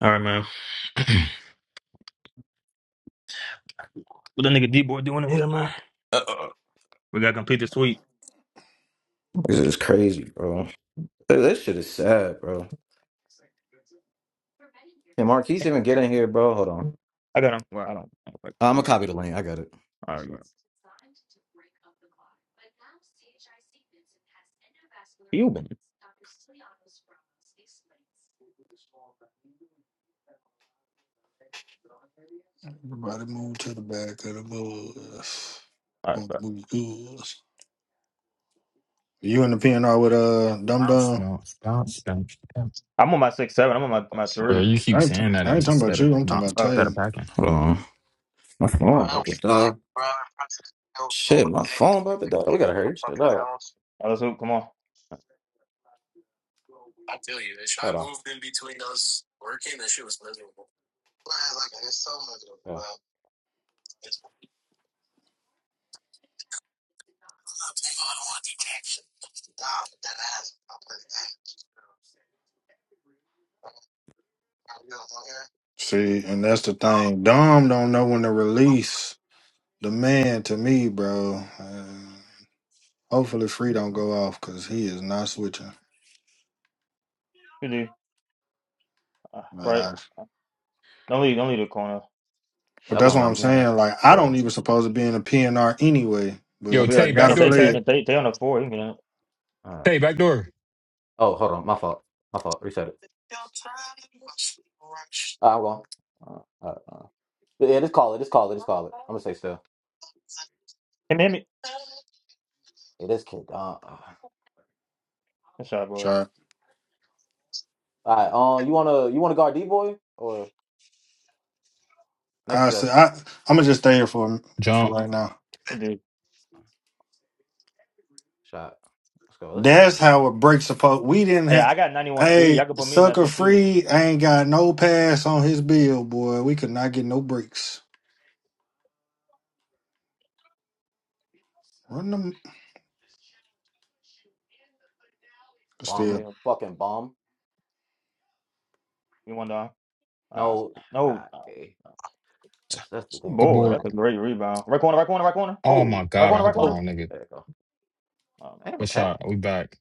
All right, man. What that nigga D boy doing in here, man? Uh-uh. We gotta complete this week. This is crazy, bro. Th- This shit is sad, bro. Can Marquise even get in here, bro? Hold on. I got him. Well, I don't. I don't like I'm gonna this. copy the link. I got it. All right, bro. You been? Everybody move to the back of the bus. All right, Move, bro. move the bus. You in the PNR with uh Dum Bounce, Dum. bounce, bounce, bounce, bounce. I'm on my six seven. I'm on my my Bro, three. you keep I ain't, t- saying that I ain't talking about instead of you. I'm talking not about Oh, all instead of Tay. packing. Hold on. My phone about to die. Shit, my phone about to die. We gotta hurry this shit up. right, let's hoop. Come on. Hold on. Oh, See, and that's the thing. Dom don't know when to release the man to me, bro. Uh, hopefully, Free don't go off because he is not switching. You do. Uh, right. Nah. Don't leave. Don't leave the corner. But that that's one, what my I'm man. saying. Like, Yeah. I All don't even supposed to be in a PNR anyway, I Yo, but mean, I Tay, I back mean, gotta door, Take can play Tay. it. on. They, they on the four. You can get on. right. Tay, back door. Oh, hold on. My fault. My fault. Reset it. Uh, I'm going. Uh, uh, uh. Yeah, just call it. Just call it. Just call it. I'm gonna say still. Hit me. Hit me. Hey, this kid. Uh, uh. Good shot, boy. Sure. All right. Um, you wanna you wanna guard D boy or next I with that said I. I'm gonna just stay here for for Jump. right now. You do. shot? Let's go. Let's get him That's in. how it breaks apart. We didn't Hey, have. I got 91 speed. Hey, Y'all can put me in that sucker shit too. free ain't got no pass on his bill, boy. We could not get no breaks. Run them This Bomb. still, bill. Fucking bomb. You one down. Ah, uh, No, no. I, Uh, eh, that's that's the thing Good go about boy. Dom. That's board. a great rebound. Right corner. Right corner. Right corner. Oh Oh, my Right god, I corner. hit Right the oh, corner. wrong nigga. there you go. Oh, my. Damn, Good tap. shot. We back.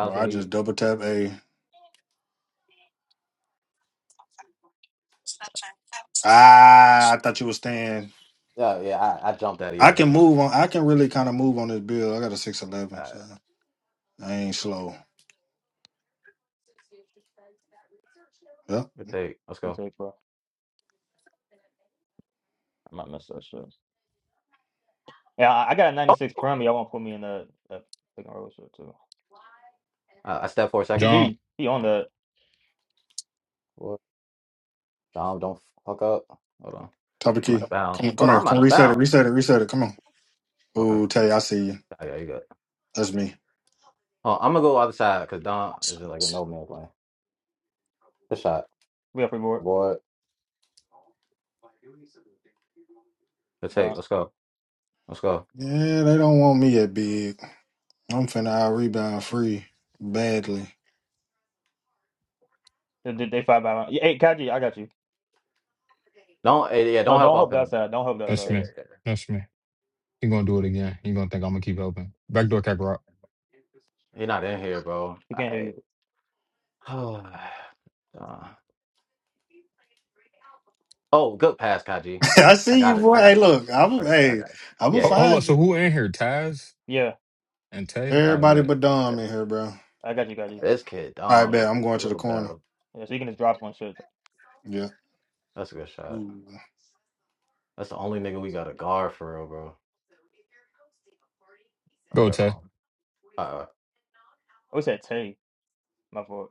bro. you I need. just double tap a. Ah, I thought you were staying. Yeah, yeah. I, I jumped out of I yeah. can That's me. move on. I can really kind of move on this bill. I got a six All eleven, so right, I ain't slow. Yep. good day. Let's Good go. take, bro. I might mess that shit. Yeah, I, I got a Oh, 96 Prem. Y'all want to put me in the, the second row shit too. Uh, I step for a second. Good Jump. dude. He on Yeah. the What? Dom, don't fuck up. Hold on. Top of I'm out key. of bounds. Come, come Hold on, here. I'm out Come of reset it. bounds. Reset it. Reset it. Come on. Okay. Ooh, Tay, I see you. Oh, yeah, you good. That's me. Oh, I'm gonna go other side because Dom is like a no man's land. Good shot. we up board. Boy. Good take. Done. Let's go. Let's go. Yeah, they don't want me at big. I'm finna out rebound free badly. They, they they fight by round. Yeah, Hey, Kaji, I got you. Don't. eh, Yeah. Don't No, help don't off help that him. side. Don't help that That's side. me. There. There. That's me. You gonna do it again. You gonna think I'm gonna keep helping. Back door, Kakarot. He's not in here, bro. He can't hear I. you. uh, Oh, good pass, Kaji. I I see you, got it. boy. I got Hey, it though. look, I'm I got it. I hey, got it. I'm gonna Yeah, Ho- yeah, yeah. hold up. find So you. who in here? Taz Yeah, and Tay? I Everybody bet. but yeah. Dom in here, bro. I got you, Kaji. This kid, I Dom, bet is I'm a going to the real corner. battle. Yeah, so you can just drop one shit. Yeah. That's a good shot. Ooh. That's the only nigga we got a guard for real, bro. I Go, got Tay. calm. Uh, Oh, he said Tay. My fault.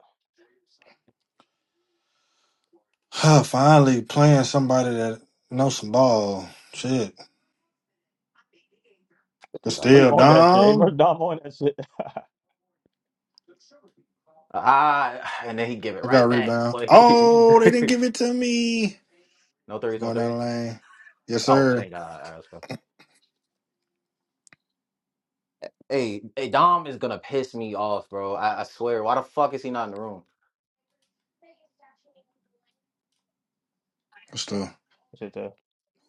Finally playing somebody that knows some ball. Shit. But fifty Dom. Oh, you still, on that shit. Hey, Murk Dom. Dom on that shit. I Ah, and then he give it I got a right back. rebound. Boy. Oh, they didn't give it to me. no threes, no Going down threes. the lane. Yes, don't Oh, know. sir. thank God. All right, let's go. Hey, hey, Dom is gonna piss me off, bro. I, I swear. Why the fuck is he not in the room? What's the Shit, uh,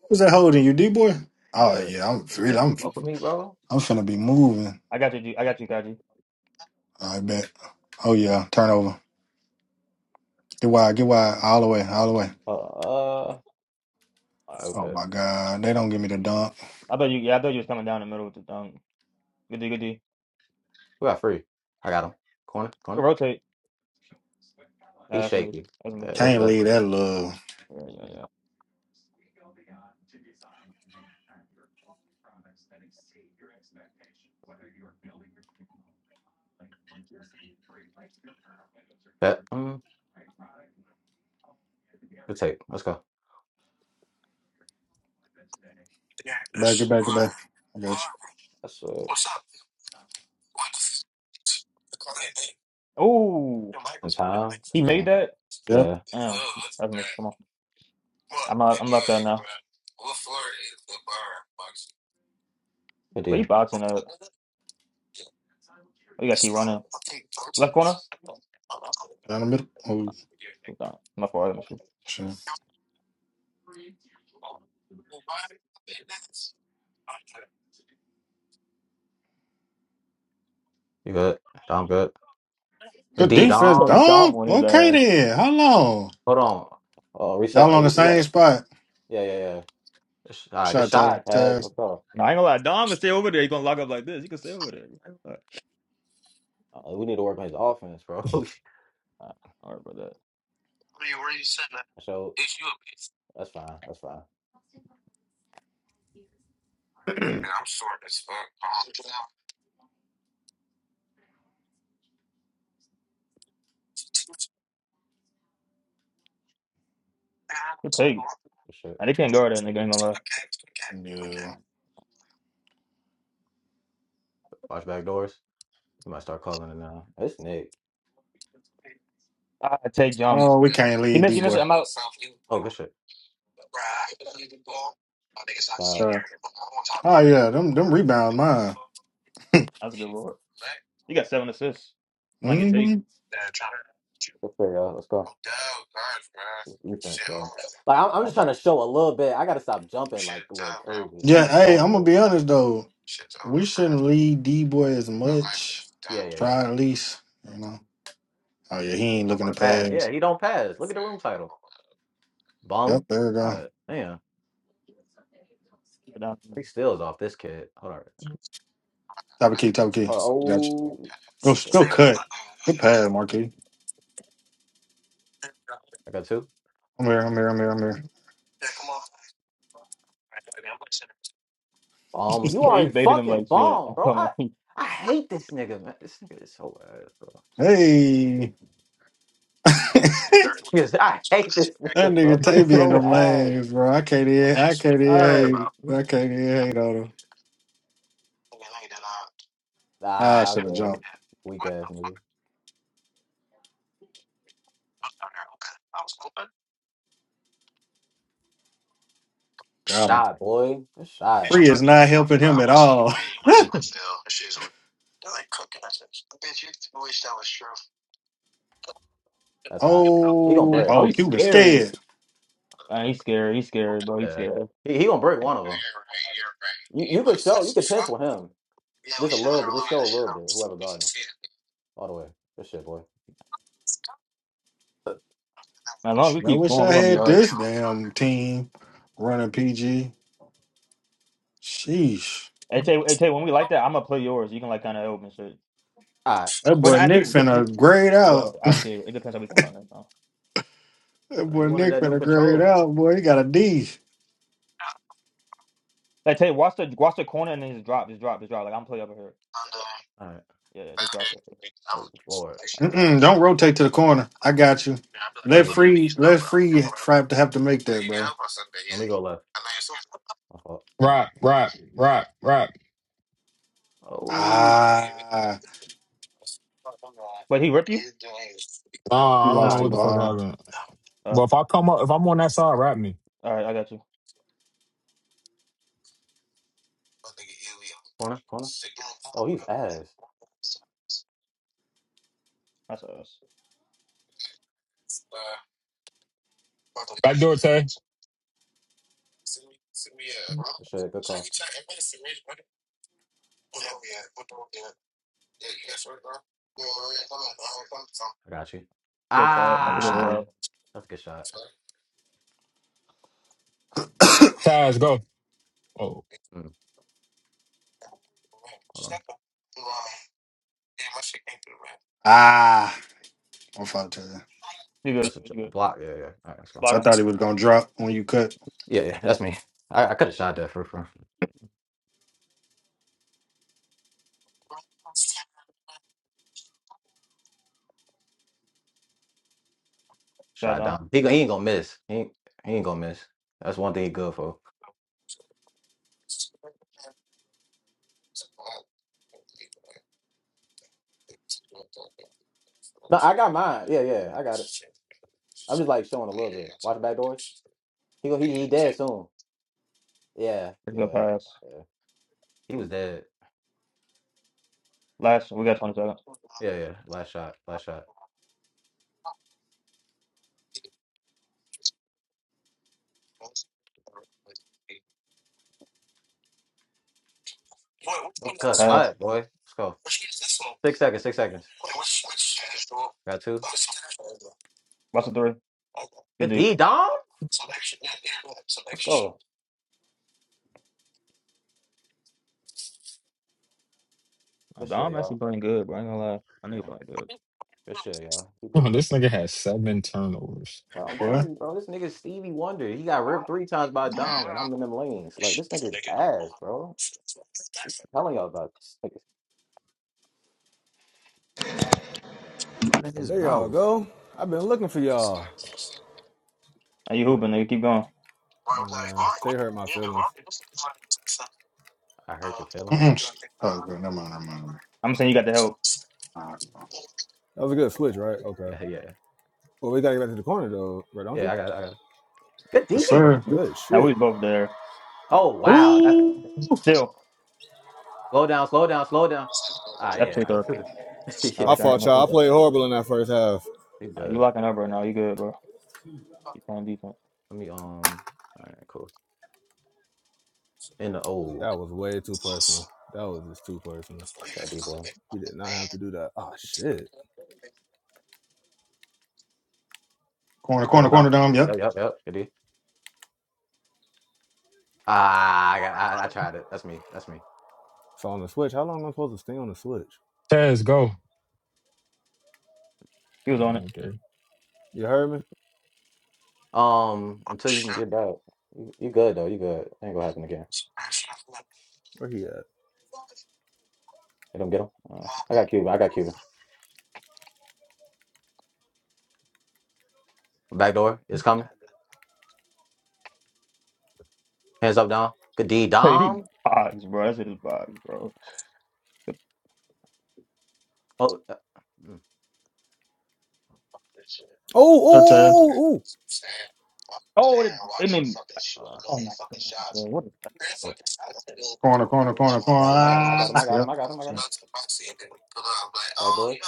who's that holding you, D boy? Oh Yeah, yeah, I'm really can't I'm smoke with me, bro. I'm finna be moving. I got you, G. I got you, Kaji. I bet. Oh yeah, turnover. Get wide, get wide, all the way, all the way. Uh, uh, Uh, Oh okay. my God. They don't give me the dunk. I thought you, yeah, I thought you was coming down the middle with the um, good D, good D. We got free. I got him. Corner, corner. Rotate. Uh, He's that's me. shaky. That's me. Yeah, That's that's me. Can't that's leave that love. Yeah, yeah, yeah. that. Mm, good take. Let's go. Back it, back it, back. I got you. That's uh, Ooh. in time. He Yeah, made that. Yep. yeah. Oh, I mean, come on. I'm not, I'm left out now. Good But he D. boxing up. We gotta keep running. Left corner. Down the middle. Oh, Dom. My fault. I'm sure. shit. You good? Dom good. Good Good D. defense, Dom. Hey, Dom dog. on his Okay ass. then. How long? Hold on. Oh, reset. Y'all Uh, on the we, we same gotta. spot. Yeah, yeah, yeah. Sh- All right, good Shot Terry. shot, pass. Terry. Let's go. Nah, I ain't gonna lie. Dom can stay over there. He gonna lock up like this. He can stay over there. I ain't gonna lie. Uh, we need to work on his offense, bro. Nah, don't worry about that. so that's fine. That's fine. He'll take. Good shit. Nah, they can't guard that nigga. Ain't gonna lie. Yeah. Watch back doors. You might start calling it now. It's Nick. I take jumps. Oh, we can't He lead missed. He deep missed. it. boy. I'm out. Oh, good shit. Uh, Shot. Oh yeah, them them rebound mine. That's a good lord. He got seven assists. He might get hmm take. good for y'all. Let's go. Defense, bro. Like I'm, I'm I just trying doubt- to show a little bit. I gotta stop jumping like a little crazy. I'm Yeah, just hey, showing a I'm little gonna be honest though. We shouldn't lead D boy as much. Yeah, yeah, yeah. Try at least, you know. Oh yeah, he He ain't don't looking want to to pass. Yeah, pass. he don't pass. Look at the room title. Yep, Bum. there we go. God damn. I doubt- Three steals off this kid. Hold on. Top of key, top of key. Gotcha. Oh Go, shit. go cut. Good pass, Marquis. I got two. I'm here, I'm here, I'm here, I'm here. Um, you Hey, are He a baited him fucking like shit. bum, bro. I'm I I hate this nigga, man. This nigga is so ass, bro. Hey. that This nigga is, I hate this nigga, bro. nigga He like- is Tavy in so them ass, lanes, bro. I can't even, bro. I can't even Hey. hate. I can't even hate on him. Ah, I Ah, should have okay. jumped. Weak ass nigga. Got him. Shot, boy. Good shot. Free is not helping him at all. That's hot. He gonna Oh, break. oh, oh, he's Cuban scary. scared. Man, he's scary. He's scary, bro. He's Yeah. scary. He, he gonna break one of them. You you could show, you could pinch with him. Just a little bit, just show a little bit, whoever guarding him. All the way. Good shit, boy. Uh, As long as Shit, I we keep wish going, I we're gonna be had all right. this damn team running PG. Sheesh. Hey, Tay, hey, Tay, when we like that, I'm gonna play yours. You can like kind of open shit. all right. That But boy Nick actually, just, just finna grade out. well, I'll see. It depends how we come out next time. That Uh, he boy wanted Nick that new finna grade controller. out, boy. He got a D. Like Tay, watch the watch the corner and then just drop, just drop, just drop. Like I'm play over here. All right. Yeah, yeah, just drop that shit. Oh, Lord. I will. All right. Mm-mm, don't rotate to the corner. I got you. Let Hey, free, let free trap to have to make that, bro. let me go left. My fault. All right. Rap, rap, rap, rap. Oh, Ah, But he ripped you. he Nah, I don't know lost nah, the he what the lost fuck it. ball. happened. Uh, But if I come up, if I'm on that side, rap me. all right, I got you. Corner, corner. Oh, he's ass. That's us. Back door, Tay. Good shit, good call. I got you. Good crap. He That's a good Ah, shot. bro. that's a good shot. Taz, go. Oh. Mm, hold on. Ah, I'm fucked to you. You good? You That's a good? j- You good. block. Yeah, yeah. All right, let's go I Block him. thought he was gonna drop when you cut. Yeah, yeah, that's Yes. me. I, I could have shot that for, for Got shot down. down. He, gon- he ain't gonna miss. He ain't, he ain't gonna miss. That's one thing he good for. No, I got mine. Yeah, yeah, I got it. I'm just like showing a little bit. Watch the back doors. He go. He he dead soon. Yeah, Let's go yeah, pass. yeah. He was dead. Last, we got 20 seconds. Yeah, yeah. Last shot. Last shot. Oh, good Pass. cut, boy. Let's go. Six seconds. Six seconds. Got two. Watch the three. Good Good D. D, dog. Let's go. Good shit, Dom actually y'all. playing good, bro. I ain't gonna lie. I Yeah. knew he playing good. Good shit, y'all. Keep Oh, moving. this nigga has seven turnovers. Bro, I'm What? telling you, bro. This nigga Stevie Wonder. He got ripped three times by Dom, and I'm in them lanes. Like this nigga's ass, bro. I'm telling y'all about this nigga's running his There y'all mouth. go. I've been looking for y'all. Are you Good. hooping? Nigga? Keep going. Nah, Tay hurt my feelings. I hurt your feelings. Mm-mm. Oh, good. Never mind. Never mind. Never mind. I'm saying you got the help. All right. bro. That was a good switch, right? Okay. Yeah, yeah. Well, we gotta get back to the corner though, right? Don't Yeah, you? I got it. I got. it. Good Yes, D. Oh, sir. good Now we shit. was both there. Oh, Oh wow. That's Ooh, still, slow down, slow down, slow down. Ah that's pick yeah. up. Oh, My yeah. dang. fault, y'all. I played horrible in that first half. We Uh, You good. locking up right now. You good, bro. You playing defense. Let me um all right, cool. In the oh That was way too personal. That was just too personal. yeah, D boy. We did not have to do that. Oh shit. All corner, right. Get corner, him down. corner, dome. Yep. Yep, yep, yep. Good D. Ah I got I, I tried it. That's me. That's me. So on the switch, how long am I supposed to stay on the switch? Tez, go. He was on it. Oh, okay. You heard me? Um until you can get back. You you good though, you good. Ain't gonna happen again. Where he at? Get him, get him. Uh, I got Cuban. I got Cuban. Back door is coming. Hands up Dom. Good D Hey, he Dom. bogs, bro. That's his bogs, bro. Oh uh, mm. Oh, oh, Okay. oh, oh, oh. Oh, it, I mean, Uh, oh my God, bro. What is that, bro? Corner, corner, corner, I corner. got him, I got him, I got him, Ah, I got him, yep. I got him, I got So, him. Back door.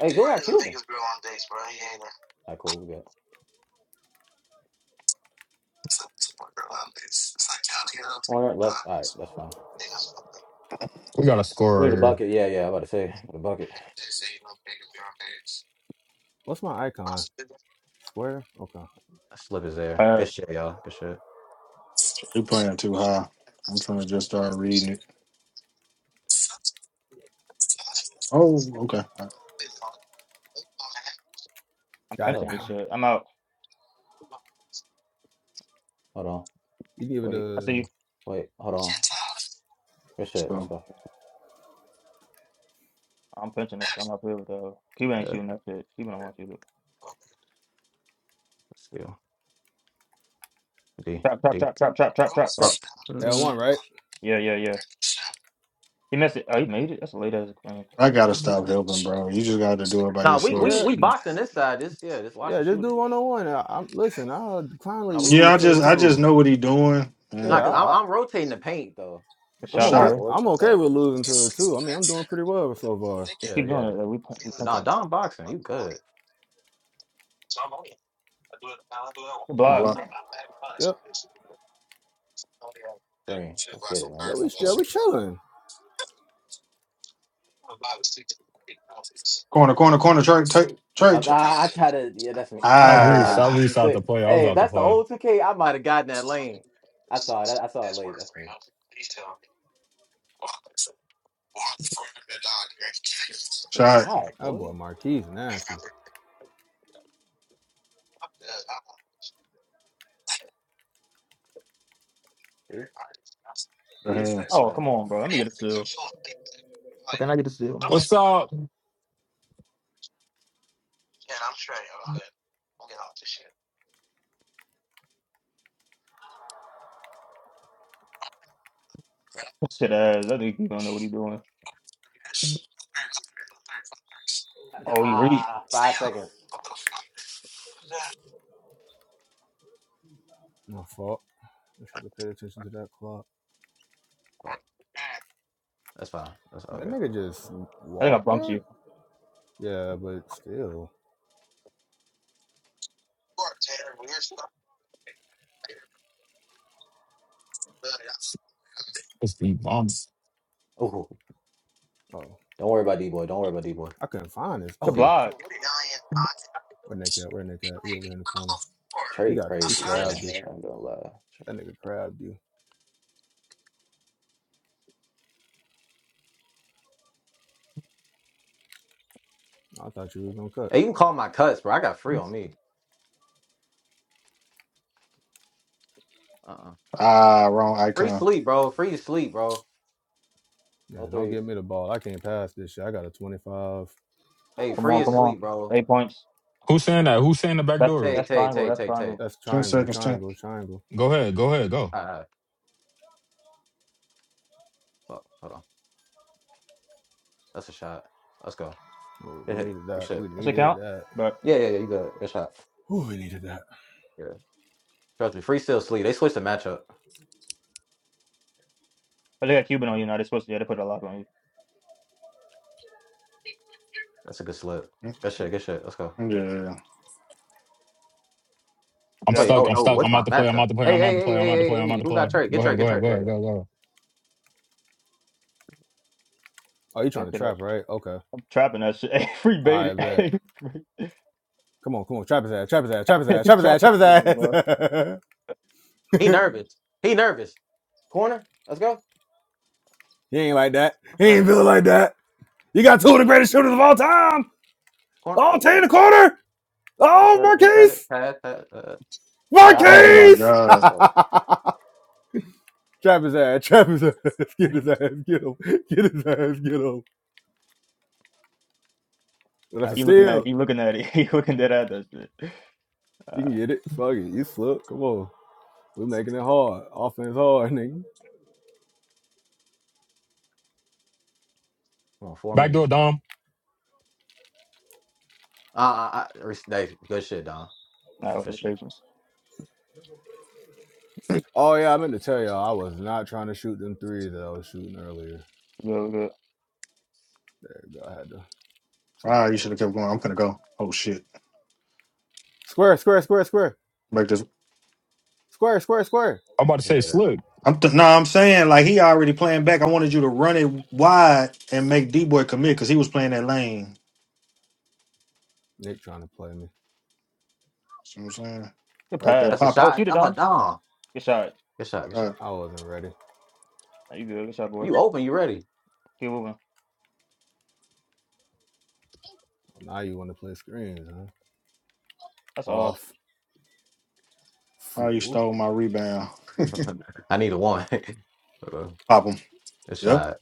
Hey, you got Cuban. All right, cool. We good. Corner left. All right, that's fine. We got a We score need right a here. bucket. Yeah, yeah. I about to say the bucket. What's my icon? Square. Okay. Slip is there. Good Pass. shit, y'all. Good shit. you playing too high. I'm trying to just start reading it. Oh, okay. All I'm Got it. punching Oh, this shit. I'm out. hold on. You give it Wait, I see a you. wait. Hold on. Good shit. right. Let's go. I'm punching this shit. I'm up here with the. Cuban ain't Yeah, shooting that shit. Cuban don't want you to. let's go. D, Trap, trap, D. trap, trap, trap, trap, trap, trap. Up. L mm one, right? Yeah, yeah, yeah. He missed it. Oh, he made it. That's a late ass screen. I gotta Good stop helping, bro. You just gotta do it by Nah, we yourself. we Yeah. we boxing this side. Just yeah. Just watch Yeah, the just do shooting. one on one. I- I'm listen. I'll Nah, kindly we Yeah, lose I good. to We a just I good. just two. know what he doing Yeah, Nah, and cause I'm I, I, I'm rotating the paint though. a Good I'm shot, okay. shot, shot, boy. boy. I'm Let's okay go. with losing to a two. I mean, I'm doing pretty well so far. Just Yeah, keep doing yeah. it. Like, we punch, we But punch nah, with him. Don boxing. You good? Good a block. Um, block, Yep. green. Let's get it, man. Yeah, we Let's go. still we chilling. corner, corner, corner, church, church, I, church. I I try to, yeah, that's me. I I try to reached. like I Ah, you reached out the said, play. I was hey, if out the that's the play. old 2K, I might have gotten that lane. I saw it. I, I saw it late. That's me. Good shot shot, That boy boy. Marquise nasty. D, the D. Let's hands. Oh, go. come on, bro. Let me get a two. Fucking I get to steal, What's up? man. Fuck. Shit ass. I think you don't know what he's doing. Oh, you reach. Ah, five seconds. My fault. I should have paid attention to that clock. Fuck. That's fine. That's all That good. nigga just I think I walked bumped there. you. Yeah, but still. It's the bombs. Oh, Oh, don't worry about D boy. Don't worry about D I couldn't find this. Good Oh, boy. block. Come where Nick at? Where Nick at? He over here in the corner. He Trey got he crazy, crabbed bro. you. I'm gonna lie. Trey- That nigga crabbed you. I thought you was gonna cut. Hey, you can call my cuts, bro. I got free on me. Uh-uh. Ah, wrong Free icon. sleep, bro. Free to sleep, bro. No Yeah, don't threes. give me the ball. I can't pass this shit. I got a 25 How Hey, the free on, is come fuck? on. sleep, bro. Eight points. Who's saying that? Who's saying the back That's door? Tay, that's Tay, triangle. Tay, That's Tay, Tay. triangle. That's Ten triangle, seconds, ten. triangle, triangle. Go ahead. Go ahead. Go. All right, all right. Fuck, hold on. That's a shot. Let's go. Oh, Hit, we hit. needed Good that. shit. We That's a needed count. that. But Yeah, yeah, yeah. You good. Good shot. Ooh, we needed that. Yeah. Trust me. Free still sleep. They switched the matchup. I think I Cuban on you now. They're supposed to. Yeah, they put a lock on you. That's a good slip. Good shit. Good shit. Let's go. Mm, Yeah. You I'm Wait. got you Oh stuck. got I'm no. stuck. What's I'm my out the play. I'm matchup? out the play. Hey, I'm out hey, the hey, play. I'm out the hey, play. I'm hey, out hey. the Who got play. Trey? Go Get Trey. ahead. Go Get ahead. Trey. Go Yeah, yeah. ahead. Go ahead. Go ahead. Oh, you trying that to shit up. trap, right? Okay. I'm trapping that shit. Hey, free All right, baited. bet. Hey, free- Come on, come on. Trap his ass, trap his ass, trap his ass, hey, trap his trap ass, trap his that nigga, ass. bro. He nervous. He nervous. Corner. Let's he ain't like that. He ain't go. feeling like that. You got two of the greatest shooters of all time. Corner. Oh, Tay in Oh, the corner. we Oh, said it. We said it. Marquise. Pat, pat, uh, Alright, that's side, Oh over. my boy. man. Marquise. god. Oh, trap his ass, trap his ass. Get his ass, get him. Get his ass, get him. Well, that's Nah, a he looking at. steal. He looking at it. He looking at that shit. Uh, You can get it. Fuck it. You slip. Come on. We making it hard. Offense hard, nigga. come on, four Back door, minutes. Dom. Uh, I, I, hey, good shit, Don. nah, with Good the shit. patience. Oh yeah, I meant to tell y'all, I was not trying to shoot them threes that I was shooting earlier. Good, good. There we go. I had to Ah, somebody you that should was have kept going. I'm gonna go. Oh shit. square, square, square, square, Make this. square, square, square. I'm about to Yeah, say slip. I'm th- no, I'm saying like he already playing back. I wanted you to run it wide and make D boy commit because he was playing that lane. Nick trying to play me. See what I'm saying? Good Right there, that's a pass. pop Oh, shot. shoot it, I'm like, Dom. Don, Good shot. good shot, good it. shot. I wasn't ready. Nah, You good? What's up, boy? You open, you ready? Keep moving. Now you want to play screens, huh? That's all. Off, Oh, you fool. stole my rebound. I need a one. Hold on. Pop him. Good Yep. shot.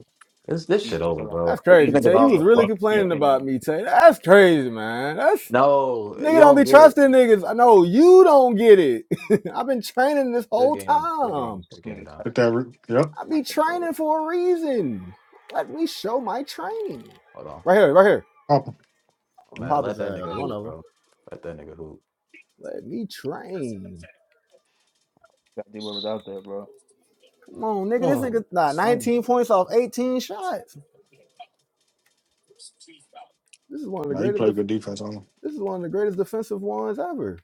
This this He shit over, kill him. bro. That's This He crazy, nigga Tay. You off was the he really he, fuck. he complaining killing about him. me, Tay. That's crazy, man. That's No, you nigga don't be don't get it. trusting niggas. I know you don't get it. I've been training this Good whole game. Good time. game. This Good game, nigga Don. got Hit that. Re- yep. I be boy. training for a reason. Let me show my training. Hold on. Right here, right here. Pop him. No My Yep. matter. Let papa's that ass, nigga one hoop, of them. bro. Let that nigga hoop. Let me train. Got D was out there, bro. Come on, nigga. This Oh, nigga, nah, 19 points off 18 shots. This is one of the Now you greatest. play Def- good defense on him. this is one of the greatest defensive ones ever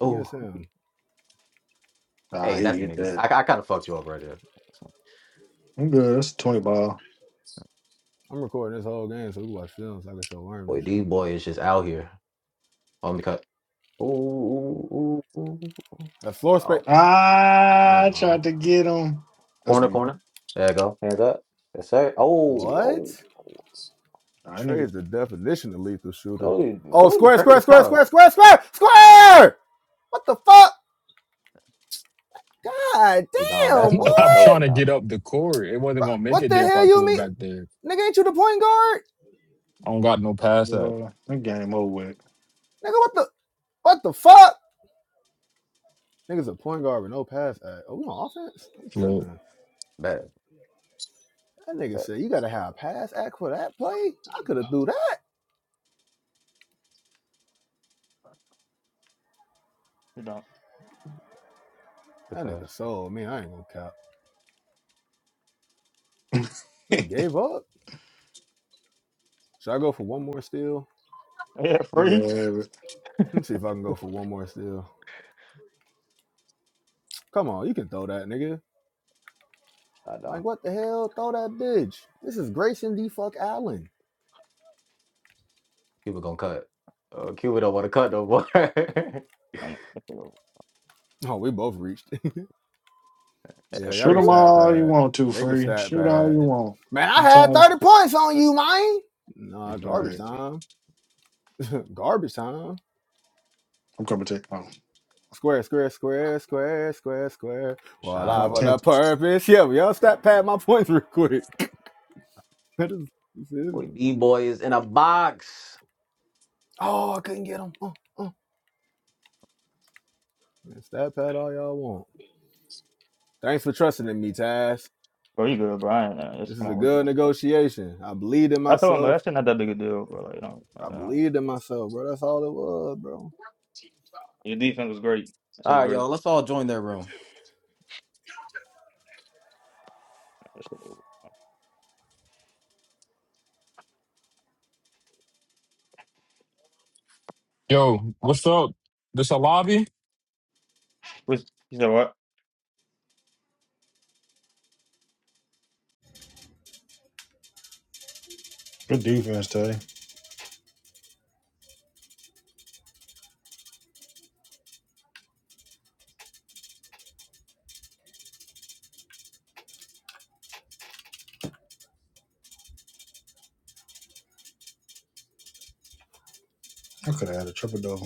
oh. against him. Nah, Hey, that's he hit me. I, that. I kind of fucked you up right there. I'm good. That's a 20 ball. I'm recording this whole game so we watch films. So I can show Worm and Boy, shit. these boys is just out here on the cut. Ooh, ooh, ooh, ooh, ooh. That floor space. Oh, Ah, Never I mind. tried to get him. That's corner, me. corner. There you go. Hands up. Yes, sir. Oh, What? oh. I nigga. Trey's the definition of lethal shooter. Told you, Oh, told you, square, Trey square, was square, tough. square, square, square, square. What the fuck? God You Dom, that's damn, when boy. it's I'm not trying open, to get Dom. up the court. It wasn't gonna make What it the there if I hell you threw it mean? back there. Nigga, ain't you the point guard? I don't got no pass up. Boy, that game over with. Nigga, what the what the fuck? Nigga's a point guard with no pass act. Oh, we on offense? I'm Slip. tripping. Bad. That nigga said you gotta have a pass act for that play. I could have do that. You don't. Good That nigga pass. sold me. I ain't gonna cap. We gave up. Should I go for one more steal? Yeah, You can free. have it. Let us see if I can go for one more steal. Come on, you can throw that, nigga. Shot, Dom. Like what the hell? Throw that bitch. This is Grayson D. Fuck Allen. Cuba gonna cut. Uh, Cuba don't want to cut no more. I know. That's a little- Oh, we both reached. Yeah, That y'all Shoot can them free? stat all you bad. want to, They can free. stat Shoot all bad. you want. Man, I I'm had tired. 30 points on you, man. Nah, All garbage right. time. garbage time. I'm coming to take. Oh, Square, square, square, square, square, square. Well, Shot I my for boy. the 10th. purpose. Yeah, y'all stat pad my points real quick. you feel Boy, me? B boy is in a box. oh, I couldn't get them. Uh, uh. Man, stat pad all y'all want. Thanks for trusting in me, Taz. Bro, you good, bro? I ain't, uh, just This come is a on, we good. good negotiation. I believed in I told him, bro, myself. that shit not that big a deal, bro. Like, you know, I uh, believed in myself, bro. That's all it was, bro. your defense was great. That shit All was right, great. y'all. Let's all join their room. That shit was- Yo, what's up? This a lobby? Which, he said what? Good defense today. I could have had a triple double.